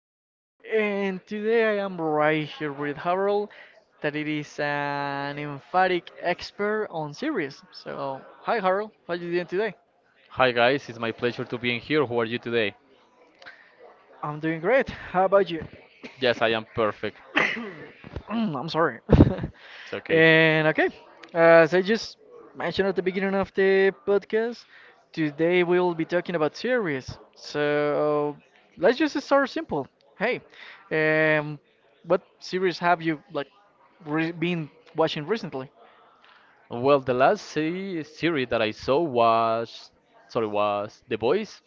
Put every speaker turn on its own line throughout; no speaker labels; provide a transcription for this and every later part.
again. And today I am right here with Harold, that it is an emphatic expert on series. So, hi Harold, how are you doing today?
Hi guys, it's my pleasure to be in here. How are you today?
I'm doing great. How about you?
Yes, I am perfect.
Mm, I'm sorry.
It's okay.
And okay, as I just mentioned at the beginning of the podcast, today we'll be talking about series. So let's just start simple. Hey, um, what series have you like re been watching recently?
Well, the last series that I saw was, sorry, was The Boys.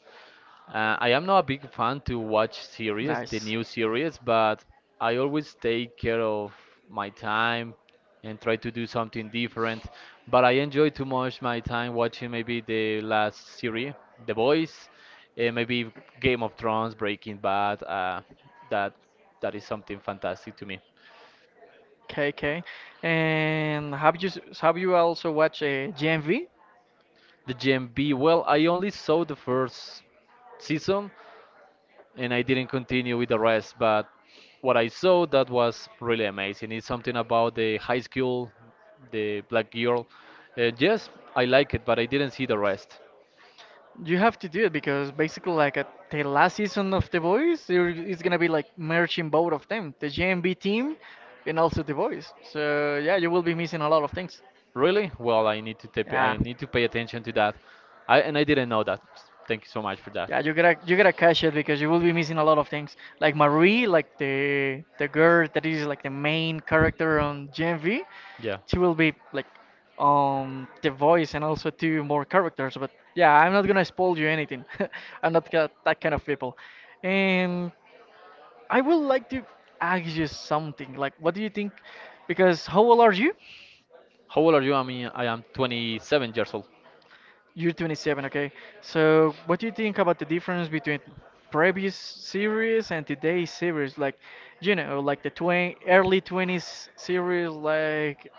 I am not a big fan to watch series, the
Nice.
new series, but I always take care of my time and try to do something different. But I enjoy too much my time watching maybe the last series, The Boys, maybe Game of Thrones, Breaking Bad. That that is something fantastic to me.
KK. And have you have you also watched GMV?
The GMB, well, I only saw the first season and I didn't continue with the rest. But what I saw that was really amazing. It's something about the high school, the black girl. Yes, I like it, but I didn't see the rest.
You have to do it because basically, like at the last season of The Voice, there is gonna be like merging both of them, the JMB team and also The Voice. So yeah, you will be missing a lot of things.
Really? Well, I need to
Yeah,
I need to pay attention to that. I and I didn't know that. Thank you so much for that.
yeah, you gotta catch it because you will be missing a lot of things. Like Marie, like the girl that is like the main character on JMV,
Yeah.
she will be like on The Voice and also two more characters. But yeah, I'm not gonna spoil you anything. I'm not ca- That kind of people. And I would like to ask you something. Like, what do you think? Because how old are you?
How old are you? I mean, I am 27 years old.
You're 27, okay? So, what do you think about the difference between previous series and today's series? Like, you know, like the twen early 20s series, like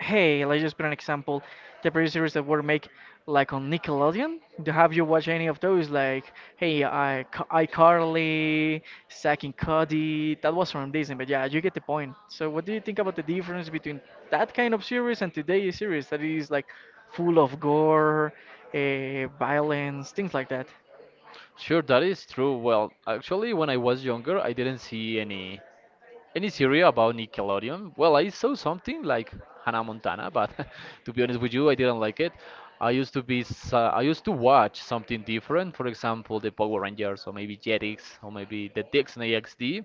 hey, let's just put an example. The previous series that were made, like on Nickelodeon. Do have you watched any of those? Like, hey, iCarly, Zack and Cody. That was from Disney, but yeah, you get the point. So, what do you think about the difference between that kind of series and today's series that is like full of gore, violence, things like that?
Sure, that is true. Well, actually, when I was younger, I didn't see any series about Nickelodeon. Well, I saw something like Hannah Montana, but to be honest with you, I didn't like it. I used to I used to watch something different, for example, the Power Rangers or maybe Jetix or maybe the Disney XD.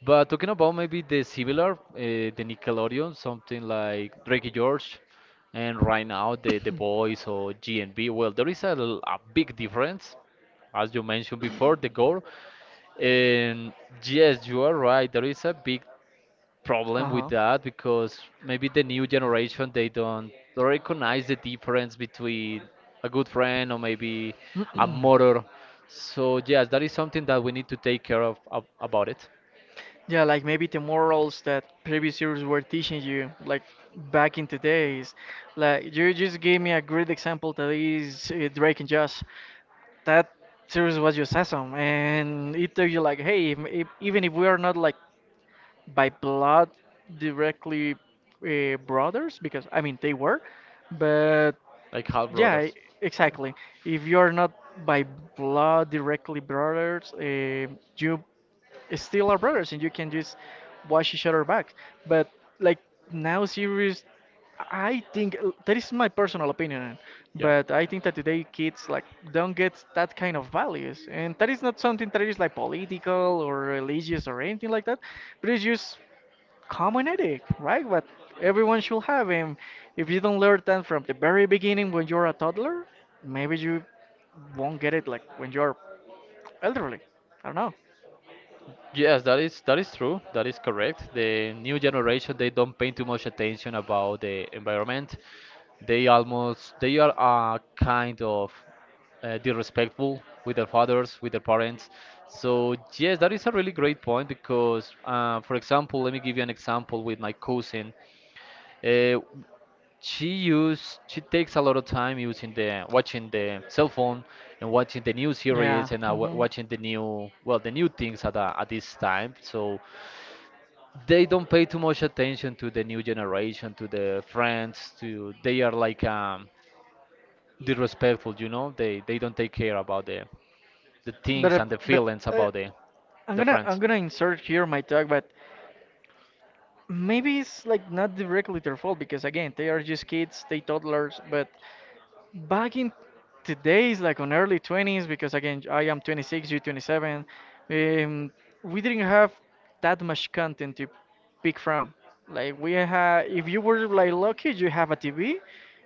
But talking about maybe the similar, the Nickelodeon, something like Drake and George, and right now the Boys or G and B. Well, there is a, a big difference, as you mentioned before, the goal. And yes, you are right. There is a big
Uh
problem with
huh.
that because maybe the new generation they don't recognize the difference between a good friend or maybe a mother. So yes, that is something that we need to take care of, about it,
Yeah, like maybe the morals that previous years were teaching you, like back in the days. Like you just gave me a great example that is Drake and Josh. That series was just awesome, and it told you like, hey, if, even if we are not like by blood directly brothers, because I mean they were, but
like half
yeah,
brothers.
exactly. If you're not by blood directly brothers, you still are brothers and you can just watch each other back. But like now series, I think that is my personal opinion,
Yeah.
but I think that today kids like don't get that kind of values, and that is not something that is like
Yeah.
political or religious or anything like that, but it's just common ethic, right? What everyone should have. And if you don't learn that from the very beginning when you're a toddler, maybe you won't get it like when you're elderly. I don't know.
Yes, that is true. That is correct. The new generation they don't pay too much attention about the environment. They almost they are kind of disrespectful with their fathers, with their parents. So yes, that is a really great point because, for example, let me give you an example with my cousin. Uh, she use she takes a lot of time using the watching the cell phone and watching the new
Yeah.
series and watching the new well the new things at this time, so they don't pay too much attention to the new generation, to the friends, to they are like disrespectful, you know, they don't take care about the
But
things and the
but
feelings
uh,
about
I'm
the
gonna I'm
friends.
gonna insert here my talk, but maybe it's like not directly their fault because again they are just kids, they toddlers, but back in today's like on early 20s because again I am 26, you 27. um, we didn't have that much content to pick from. Like we had, if you were like lucky, you have a TV,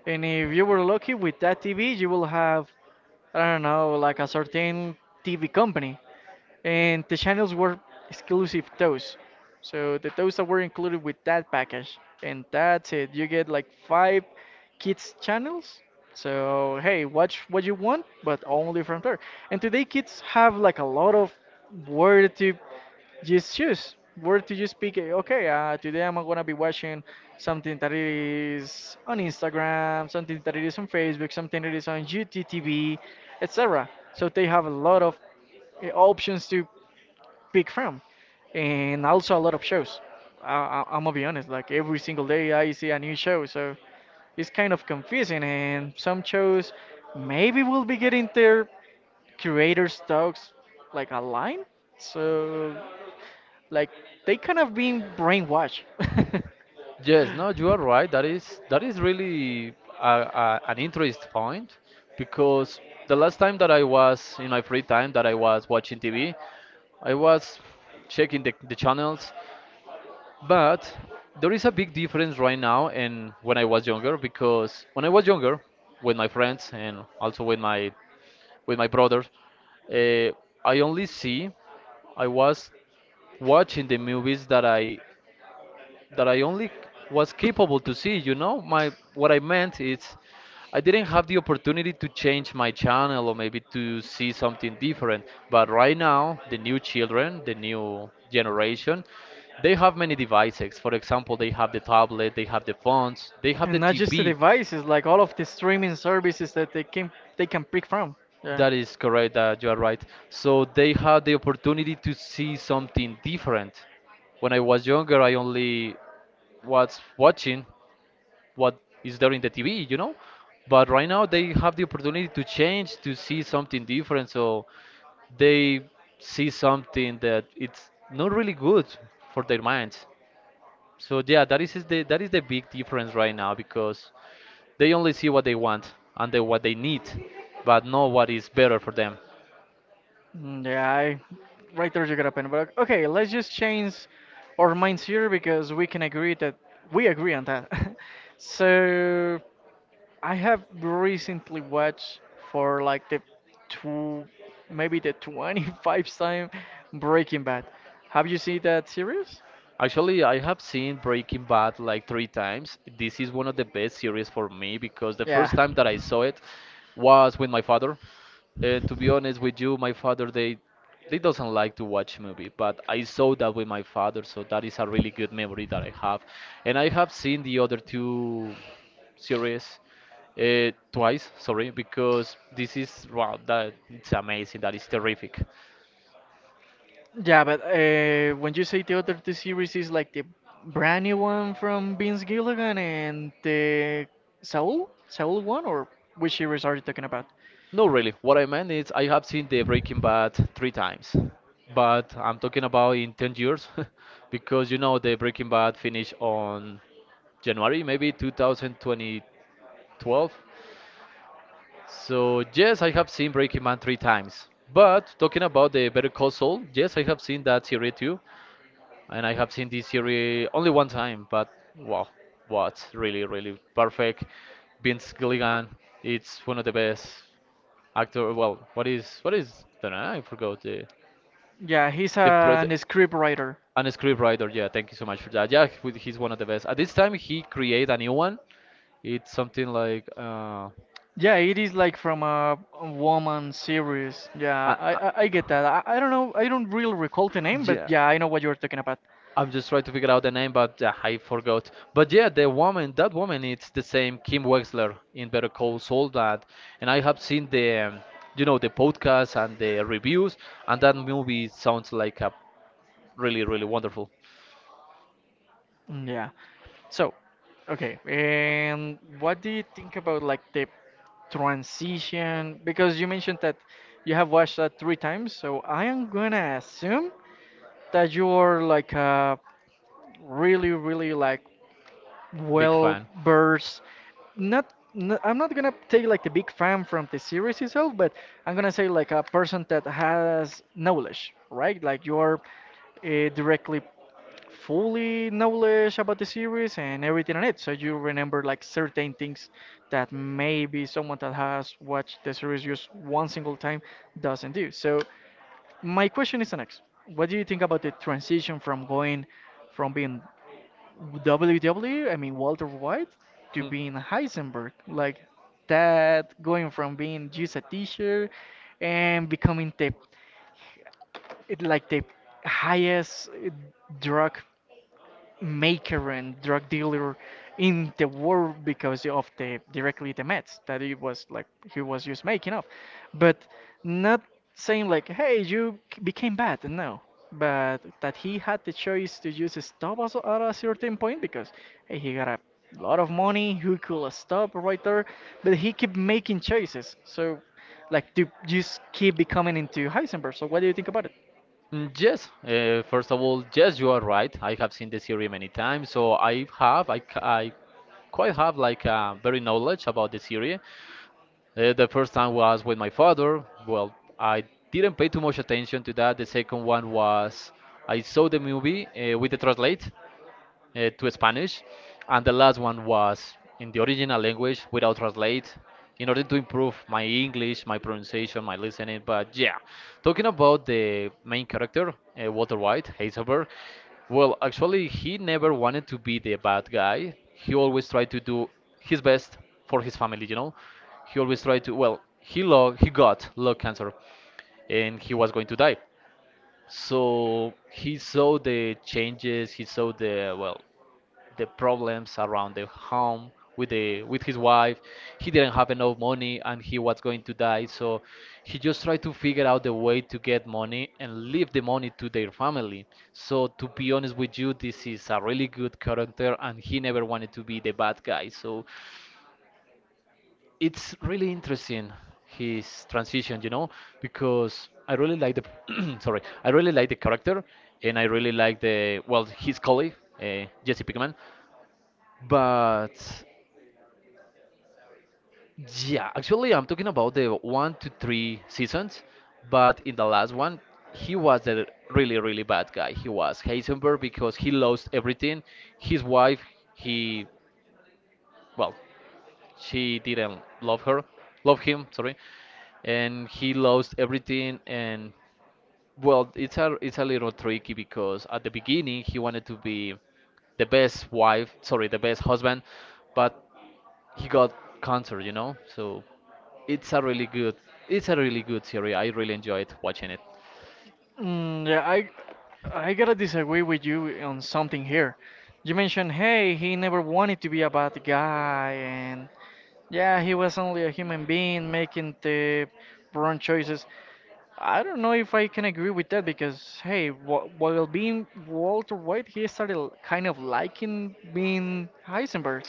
and if you were lucky with that TV, you will have, I don't know, like a certain TV company, and the channels were exclusive those. So the those that were included with that package, and that's it. You get like five kids channels. So hey, watch what you want, but only from there. And today kids have like a lot of where to just choose, where to just pick. Okay, today I'm gonna be watching something that is on Instagram, something that is on Facebook, something that is on YouTube TV, etc. So they have a lot of options to big fan, and also a lot of shows. I'm gonna be honest, like every single day I see a new show, so it's kind of confusing. And some shows maybe will be getting their creators' talks like aligned, so like they kind of being brainwashed.
Yes, no, you are right. That is really a, an interest point because the last time that I was in my free time that I was watching TV, I was checking the channels, but there is a big difference right now and when I was younger, because when I was younger with my friends and also with my brothers, uh, I only see I was watching the movies that I only was capable to see. You know, my what I meant is I didn't have the opportunity to change my channel or maybe to see something different. But right now, the new children, the new generation, they have many devices. For example, they have the tablet, they have the phones, they have the
And not just the
TV.
devices, like all of the streaming services that they can pick from. Yeah.
That is correct. That you are right. So they have the opportunity to see something different. When I was younger, I only was watching what is there in the TV, you know? But right now they have the opportunity to change, to see something different. So they see something that it's not really good for their minds. So yeah, that is the big difference right now because they only see what they want and the, what they need, but not what is better for them.
Mm, yeah, right there you got a pen. But okay, let's just change our minds here because we can agree that we agree on that. So I have recently watched for like the two, maybe the 25th time Breaking Bad. Have you seen that series?
Actually, I have seen Breaking Bad like three times. This is one of the best series for me because the
Yeah.
first time that I saw it was with my father. And to be honest with you, my father they doesn't like to watch movie, but I saw that with my father, so that is a really good memory that I have. And I have seen the other two series twice, sorry, because this is wow, that it's amazing, that is terrific.
Yeah, but when you say the other two series is like the brand new one from Vince Gilligan and the Saul one, or which series are you talking about?
No, really, what I meant is I have seen the Breaking Bad three times, but I'm talking about in 10 years, because you know the Breaking Bad finished on January maybe 2020. So yes, I have seen Breaking Man three times. But talking about the Better Call Saul, yes, I have seen that series too, and I have seen this series only one time. But wow, what really, really perfect. Vince Gilligan, it's one of the best actor. Well, what is what is? Don't know, I forgot
Yeah, he's
the, pro, the
an script writer.
and a script writer. Yeah, thank you so much for that. Yeah, he's one of the best. At this time, he create a new one. It's something like
Yeah, it is like from a woman series. Yeah,
uh, uh,
I get that. I don't know, I don't really recall the name, but
yeah.
yeah, I know what you're talking about.
I'm just trying to figure out the name, but I forgot. But yeah, the woman, that woman, it's the same Kim Wexler in Better Call Saul that, and I have seen the, you know, the podcast and the reviews, and that movie sounds like a really, really wonderful.
Mm, yeah. So, okay, and what do you think about like the transition? Because you mentioned that you have watched that three times, so I am gonna assume that you are like a really, really like
Big
well
fan.
versed. Not, n I'm not gonna take like the big fan from the series itself, but I'm gonna say like a person that has knowledge, right? Like you're directly fully knowledge about the series and everything on it. So you remember like certain things that maybe someone that has watched the series just one single time doesn't do. So my question is the next. What do you think about the transition from going from being WWE, I mean Walter White, to
Hmm.
being Heisenberg? Like that going from being just a teacher and becoming the it like the highest drug maker and drug dealer in the world because of the directly the meds that he was like he was just making up, but not saying like, hey, became bad. No, but that he had the choice to just stop us at a certain point because hey, he got a lot of money, he could stop right there, but he kept making choices. So, like to just keep becoming into Heisenberg. So, what do you think about it?
Yes, first of all, yes, you are right. I have seen the series many times, so I have, I quite have like a very knowledge about the series. The first time was with my father. Well, I didn't pay too much attention to that. The second one was I saw the movie with the translate, to Spanish, and the last one was in the original language without translate in order to improve my English, my pronunciation, my listening. But yeah, talking about the main character, Walter White, Heisenberg, well, actually, he never wanted to be the bad guy. He always tried to do his best for his family, you know. He always tried to, well, he got lung cancer and he was going to die. So he saw the changes, he saw the well, the problems around the home with the with his wife. He didn't have enough money and he was going to die. So he just tried to figure out the way to get money and leave the money to their family. So to be honest with you, this is a really good character and he never wanted to be the bad guy. So it's really interesting his transition, you know, because I really like the sorry, I really like the character, and I really like the well his colleague Jesse Pinkman, but yeah, actually I'm talking about the one to three seasons, but in the last one he was a really really bad guy. He was Heisenberg because he lost everything, his wife, he well she didn't love her love him sorry and he lost everything and well it's a little tricky because at the beginning he wanted to be the best wife sorry the best husband but he got cancer you know so it's a really good it's a really good series I really enjoyed watching it.
Mm, yeah, I gotta disagree with you on something here. You mentioned, hey, he never wanted to be a bad guy, and yeah, he was only a human being making the wrong choices. I don't know if I can agree with that because hey, wh while being Walter White, he started kind of liking being Heisenberg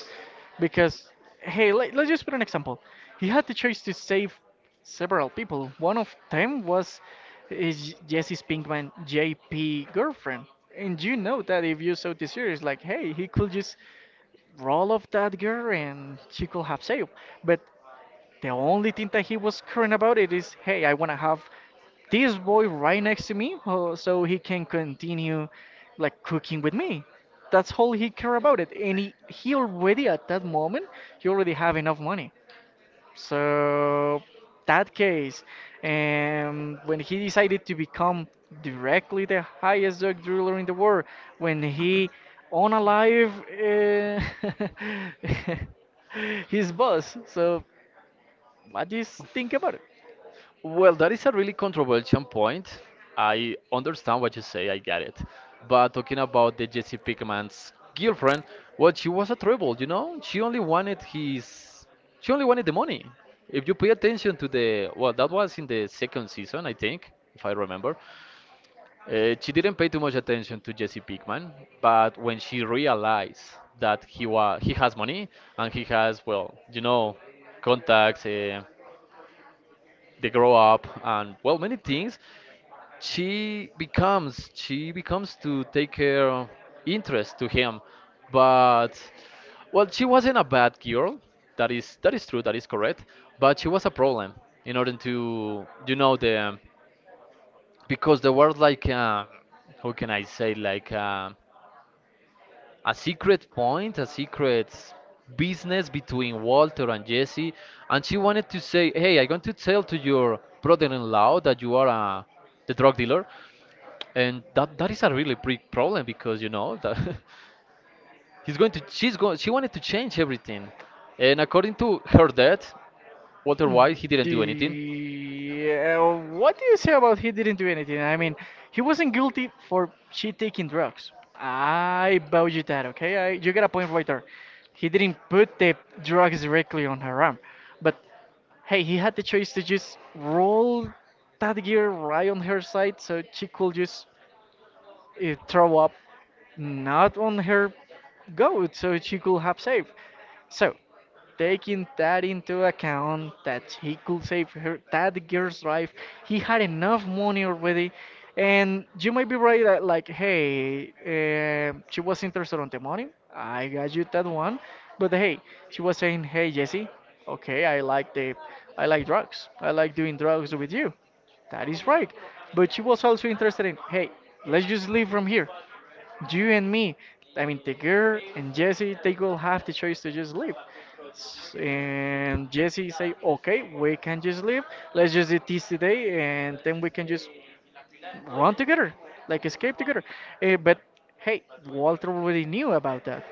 because hey, let's just put an example. He had the choice to save several people. One of them was his Jesse Pinkman JP girlfriend. And you know that if you saw the series, like, hey, he could just roll off that girl and she could have saved. But the only thing that he was caring about it is, hey, I want to have this boy right next to me so he can continue like cooking with me. That's all he care about it. And he already at that moment, he already have enough money. So that case, and when he decided to become directly the highest dog driller in the world, when he on alive uh, his boss. So I just think about it.
Well, that is a really controversial point. I understand what you say, I get it. But talking about the Jesse Pinkman's girlfriend, well, she was a trouble, you know? She only wanted his. She only wanted the money. If you pay attention to the. Well, that was in the second season, I think, if I remember. She didn't pay too much attention to Jesse Pinkman, but when she realized that he has money and he has, well, you know, contacts, they grow up, and well, many things she becomes to take care of interest to him but well she wasn't a bad girl, that is true, that is correct, but she was a problem in order to, you know, the because there were like how can I say, like a secret point, a secret business between Walter and Jesse. And she wanted to say, "Hey, I'm going to tell to your brother-in-law that you are a the drug dealer." And that is a really big problem because you know that he's going to she wanted to change everything. And according to her dad, Walter
Mm,
White, he didn't do anything.
the, what do you say about he didn't do anything? I mean, he wasn't guilty for she taking drugs. I bow you that, okay? You got a point right there. He didn't put the drugs directly on her arm. But hey, he had the choice to just roll that gear right on her side so she could just throw up not on her goat so she could have saved. So, taking that into account that he could save her that girl's life, he had enough money already, and you might be right that like hey, she was interested on the money. I got you that one. But hey, she was saying, hey Jesse, okay, I like drugs, I like doing drugs with you. That is right. But she was also interested in, hey, let's just leave from here, you and me, I mean, the girl and Jesse, they will have the choice to just leave. And Jesse say, okay, we can just leave. Let's just do this today, and then we can just run together, like escape together. But hey, Walter already knew about that,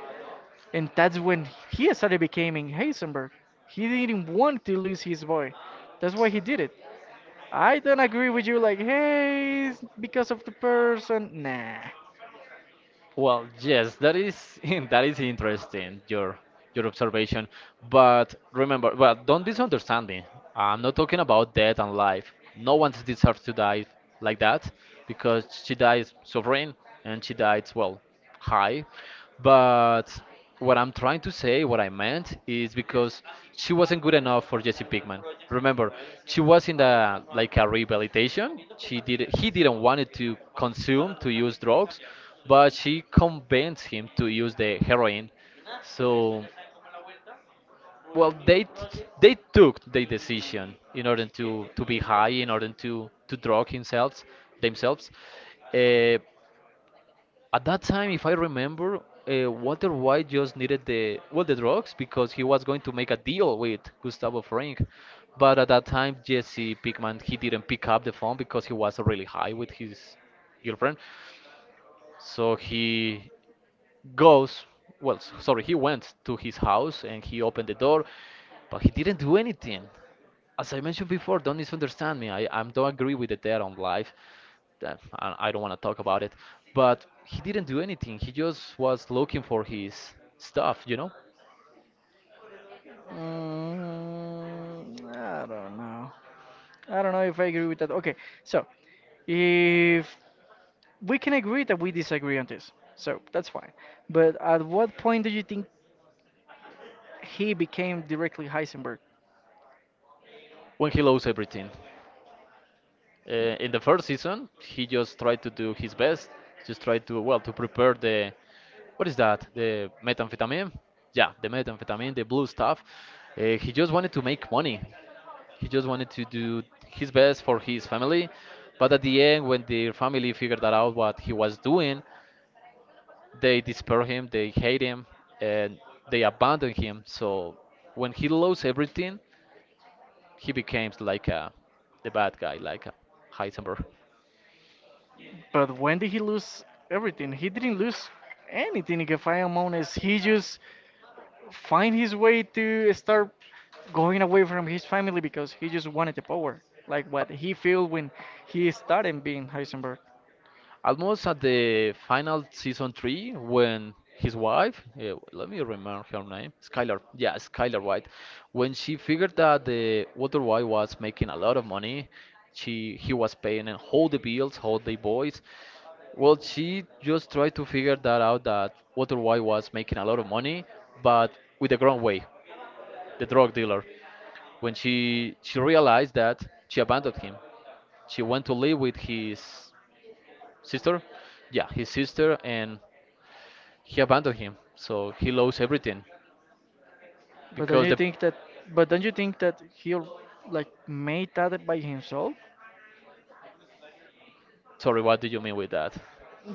and that's when he started becoming Heisenberg. He didn't want to lose his boy. That's why he did it. I don't agree with you, like, hey, it's because of the person. Nah.
Well, yes, that is that is interesting your observation, but remember, but don't misunderstand me. I'm not talking about death and life. No one deserves to die like that, because she dies sovereign and she dies, well, high. But what I'm trying to say, what I meant, is because she wasn't good enough for Jesse Pinkman. Remember, she was in the like a rehabilitation. She did he didn't want it to consume to use drugs, but she convinced him to use the heroin. So, well, they took the decision in order to be high, in order to drug themselves themselves. Uh, at that time, if I remember, Walter White just needed the well the drugs because he was going to make a deal with Gustavo Fring. But at that time, Jesse Pickman, he didn't pick up the phone because he was really high with his girlfriend. So he goes, well, sorry, he went to his house and he opened the door, but he didn't do anything. As I mentioned before, don't misunderstand me. I don't agree with the dead on life. That I don't want to talk about it. But he didn't do anything. He just was looking for his stuff, you know?
Mm, I don't know. I don't know if I agree with that. Okay, so if we can agree that we disagree on this, so that's fine. But at what point do you think he became directly Heisenberg?
When he lost everything. In the first season, he just tried to do his best, just tried to well to prepare the what is that? The methamphetamine? Yeah, the methamphetamine, the blue stuff. He just wanted to make money. He just wanted to do his best for his family. But at the end, when the family figured that out what he was doing, they despair him, they hate him, and they abandon him. So when he lost everything, he becomes like a the bad guy, like a Heisenberg.
But when did he lose everything? He didn't lose anything, if I am honest. He just find his way to start going away from his family because he just wanted the power, like what he feel when he started being Heisenberg.
Almost at the final season three when his wife, let me remember her name, Skylar, yeah, Skylar White, when she figured that the Walter White was making a lot of money, she he was paying and all the bills, all the boys. Well, she just tried to figure that out that Walter White was making a lot of money, but with the wrong way, the drug dealer. When she realized that, she abandoned him. She went to live with his sister, yeah, his sister, and he abandoned him, so he lost everything
But don't
because
you
the
think that? But don't you think that he al- Like made that by himself?
sorry what do you mean with that.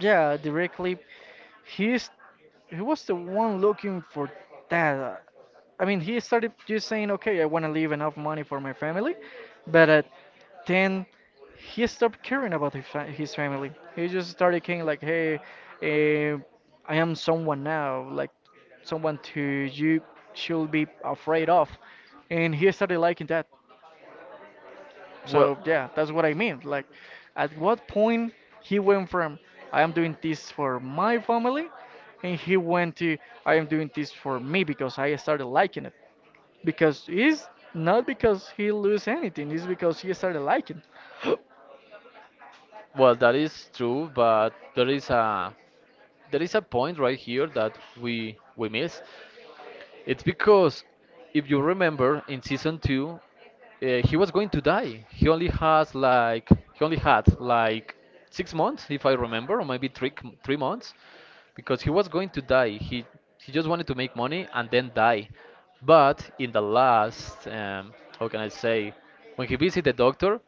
Yeah, directly. He's he was the one looking for that. I mean, he started just saying, "Okay, I want to leave enough money for my family," but at then he stopped caring about his family. He just started caring like, "Hey, eh, I am someone now, like someone to you should be afraid of," and he started liking that.
Well,
So yeah, that's what I mean. Like, at what point he went from I am doing this for my family, and he went to I am doing this for me because I started liking it. Because it's not because he lose anything; it's because he started liking.
well, that is true, but there is a point right here that we miss. It's because if you remember in season 2, he was going to die. He only has like he only had like 6 months, if I remember, or maybe 3 months, because he was going to die. He just wanted to make money and then die. But in the last, how can I say, when he visited the doctor,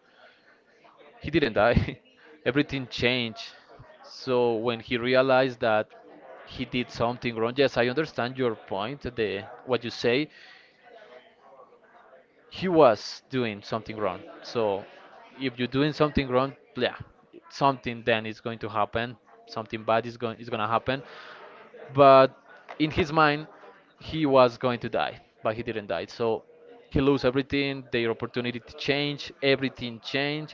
he didn't die. Everything changed. So when he realized that he did something wrong, yes, I understand your point. The what you say, he was doing something wrong. So if you're doing something wrong, yeah, something then is going to happen. Something bad is gonna happen. But in his mind, he was going to die, but he didn't die, so he lose everything. Their opportunity to change everything changed.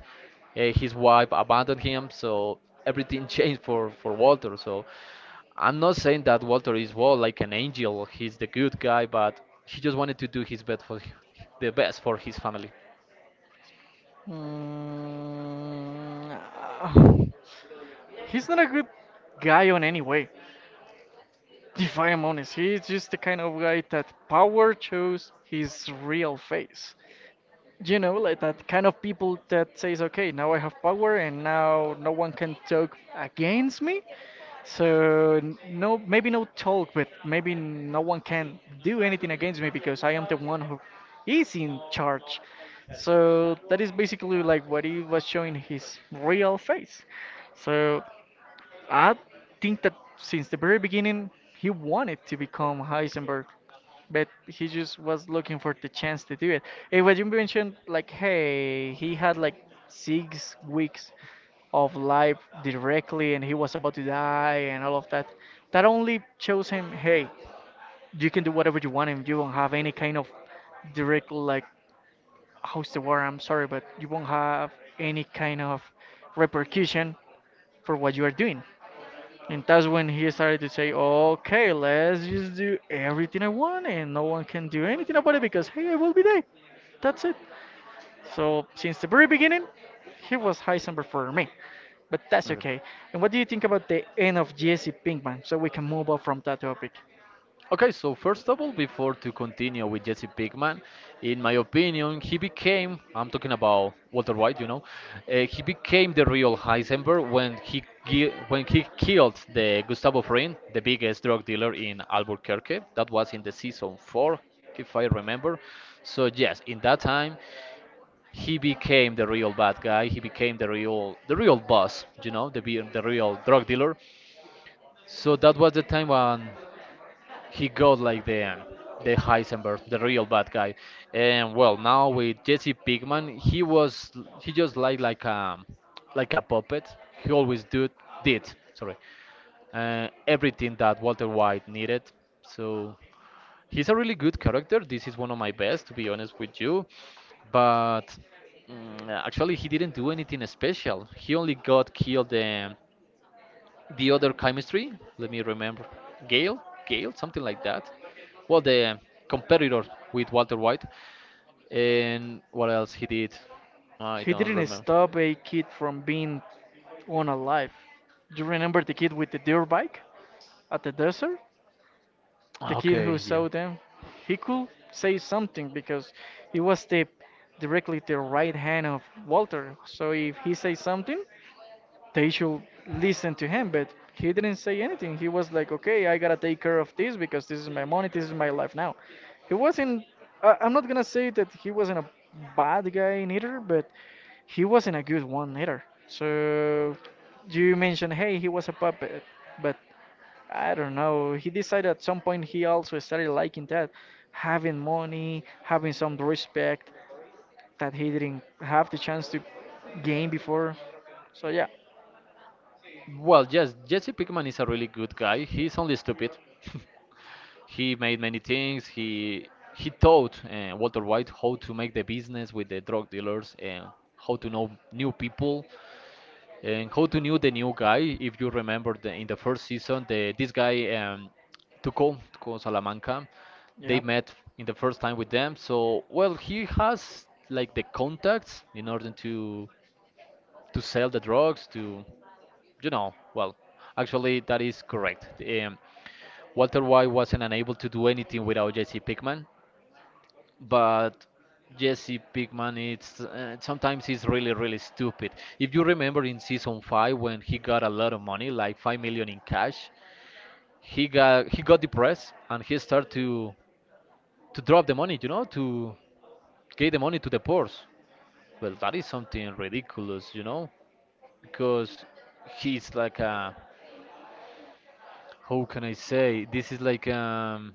His wife abandoned him, so everything changed for Walter. So I'm not saying that Walter is, well, like an angel, he's the good guy, but he just wanted to do his best for the best for his family.
Mm, ah, He's not a good guy on any way. If I am honest, he's just the kind of guy that power shows his real face. You know, like that kind of people that says, okay, now I have power and now no one can talk against me. So no, maybe no talk, but maybe no one can do anything against me because I am the one who is in charge. So that is basically like what he was showing his real face. So I think that since the very beginning, he wanted to become Heisenberg but he just was looking for the chance to do it. And what you mentioned, like, hey, he had like 6 weeks of life directly, and he was about to die, and all of that. That only shows him, hey, you can do whatever you want, and you won't have any kind of direct, like, how's the word? I'm sorry, but you won't have any kind of repercussion for what you are doing. And that's when he started to say, okay, let's just do everything I want and no one can do anything about it because, hey, I will be there. That's it. So, since the very beginning, he was Heisenberg for me. But that's
Okay.
okay. And what do you think about the end of Jesse Pinkman? So we can move on from that topic.
Okay, so first of all, before to continue with Jesse Pinkman, in my opinion, he became, I'm talking about Walter White, you know, he became the real Heisenberg when when he killed the Gustavo Fring, the biggest drug dealer in Albuquerque. That was in the season four, if I remember. So yes, in that time, he became the real bad guy. He became the real boss, you know, the real drug dealer. So that was the time when he got like the Heisenberg, the real bad guy. And well, now with Jesse Pinkman, he was he just like a puppet. He always do did sorry everything that Walter White needed. So he's a really good character. This is one of my best, to be honest with you. But actually, he didn't do anything special. He only got killed. The other chemistry, let me remember, Gale, Gale, something like that. Well, the competitor with Walter White, and what else he did, I
He
don't
didn't
remember.
stop a kid from being on alive. Do you remember the kid with the dirt bike at the desert? The kid
Okay,
who
yeah.
saw them, he could say something because he was the directly the right hand of Walter. So if he says something, they should listen to him. But he didn't say anything. He was like, okay, I gotta take care of this because this is my money, this is my life now. He wasn't. I'm not gonna say that he wasn't a bad guy neither, but he wasn't a good one either. So you mentioned, hey, he was a puppet, but I don't know. He decided at some point he also started liking that, having money, having some respect that he didn't have the chance to gain before. So
Well, yes, Jesse Pinkman is a really good guy. He's only stupid. He made many things. He taught Walter White how to make the business with the drug dealers and how to know new people. And how to knew the new guy? If you remember, the, in the first season, the this guy Tuco, Tuco Salamanca, they
yeah,
met in the first time with them. So well, he has like the contacts in order to sell the drugs to you know well. Actually, that is correct. Walter White wasn't unable to do anything without Jesse Pickman, but Jesse Pinkman, it's sometimes he's really really stupid. If you remember in season 5 when he got a lot of money, like 5 million in cash, he got depressed and he started to drop the money, you know, to give the money to the poor. Well, that is something ridiculous, you know, because he's like a how can I say, this is like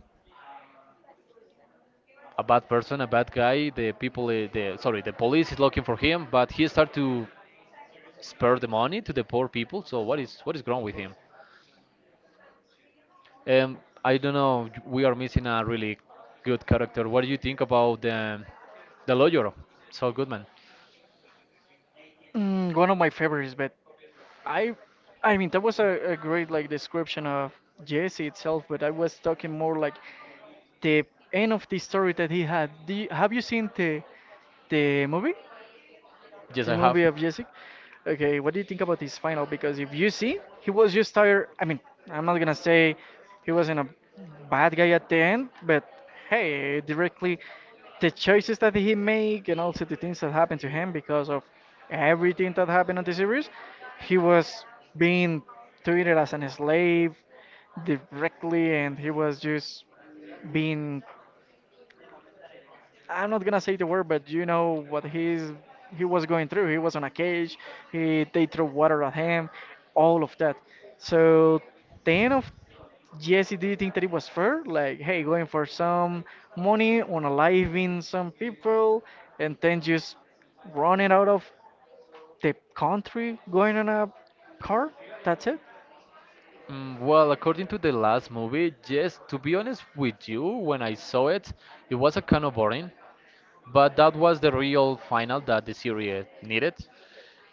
a bad person, a bad guy. The people, the sorry, the police is looking for him, but he start to spare the money to the poor people. So what is wrong with him? I don't know. We are missing a really good character. What do you think about the lawyer, Saul Goodman?
one of my favorites. But I, I mean, that was a great like description of Jesse itself. But I was talking more like the end of the story that he had. Have you seen the movie?
Yes,
The
I
movie of Jessic. Okay, what do you think about this final? Because if you see, he was just tired. I mean, I'm not gonna say he wasn't a bad guy at the end, but hey, directly the choices that he made and also the things that happened to him because of everything that happened on the series, he was being treated as
have.
an slave directly, and he was just being I'm not gonna say the word, but you know what he's he was going through. He was on a cage. He they threw water at him, all of that. So then of Jesse, do you think that it was fair? Like, hey, going for some money on aliving some people, and then just running out of the country, going on a car. That's it.
Well, according to the last movie, yes, to be honest with you, when I saw it, it was a kind of boring, but that was the real final that the series needed.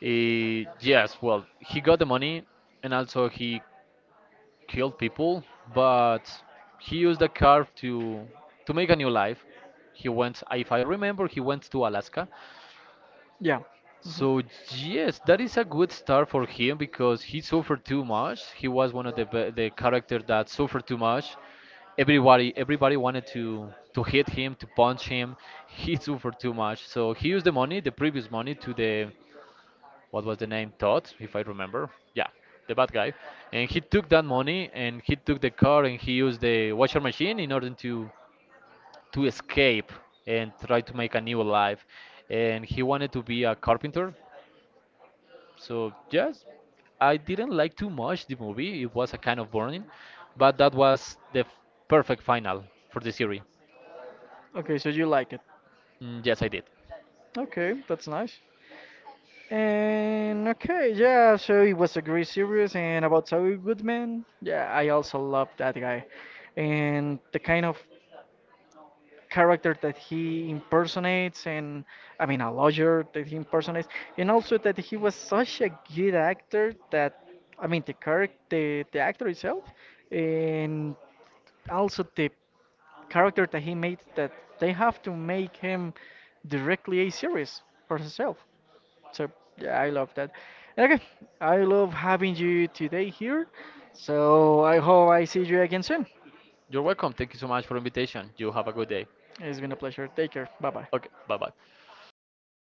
Yes, well, he got the money and also he killed people, but he used the car to make a new life. He went, if I remember, he went to Alaska.
Yeah.
So
Mhm.
yes, that is a good start for him because he suffered too much. He was one of the character that suffered too much. Everybody wanted to hit him, to punch him. He suffered too much. So he used the money, the previous money, to the what was the name Todd, if I remember. Yeah, the bad guy. And he took that money and he took the car and he used the washer machine in order to escape and try to make a new life. And he wanted to be a carpenter, so yes, I didn't like too much the movie. It was a kind of boring, but that was perfect final for the series.
Okay, so you like it.
Yes, I did.
Okay, that's nice. And okay, yeah, so it was a great series. And about Saul Goodman, yeah, I also love that guy. And the kind of character that he impersonates, and I mean, a lawyer that he impersonates, and also that he was such a good actor that, I mean, the character, the actor itself, and also the character that he made that they have to make him directly a series for himself. So yeah, I love that. And okay, I love having you today here. So I hope I see you again soon.
You're welcome. Thank you so much for the invitation. You have a good day.
It's been a pleasure. Take care. Bye bye.
Okay, bye bye.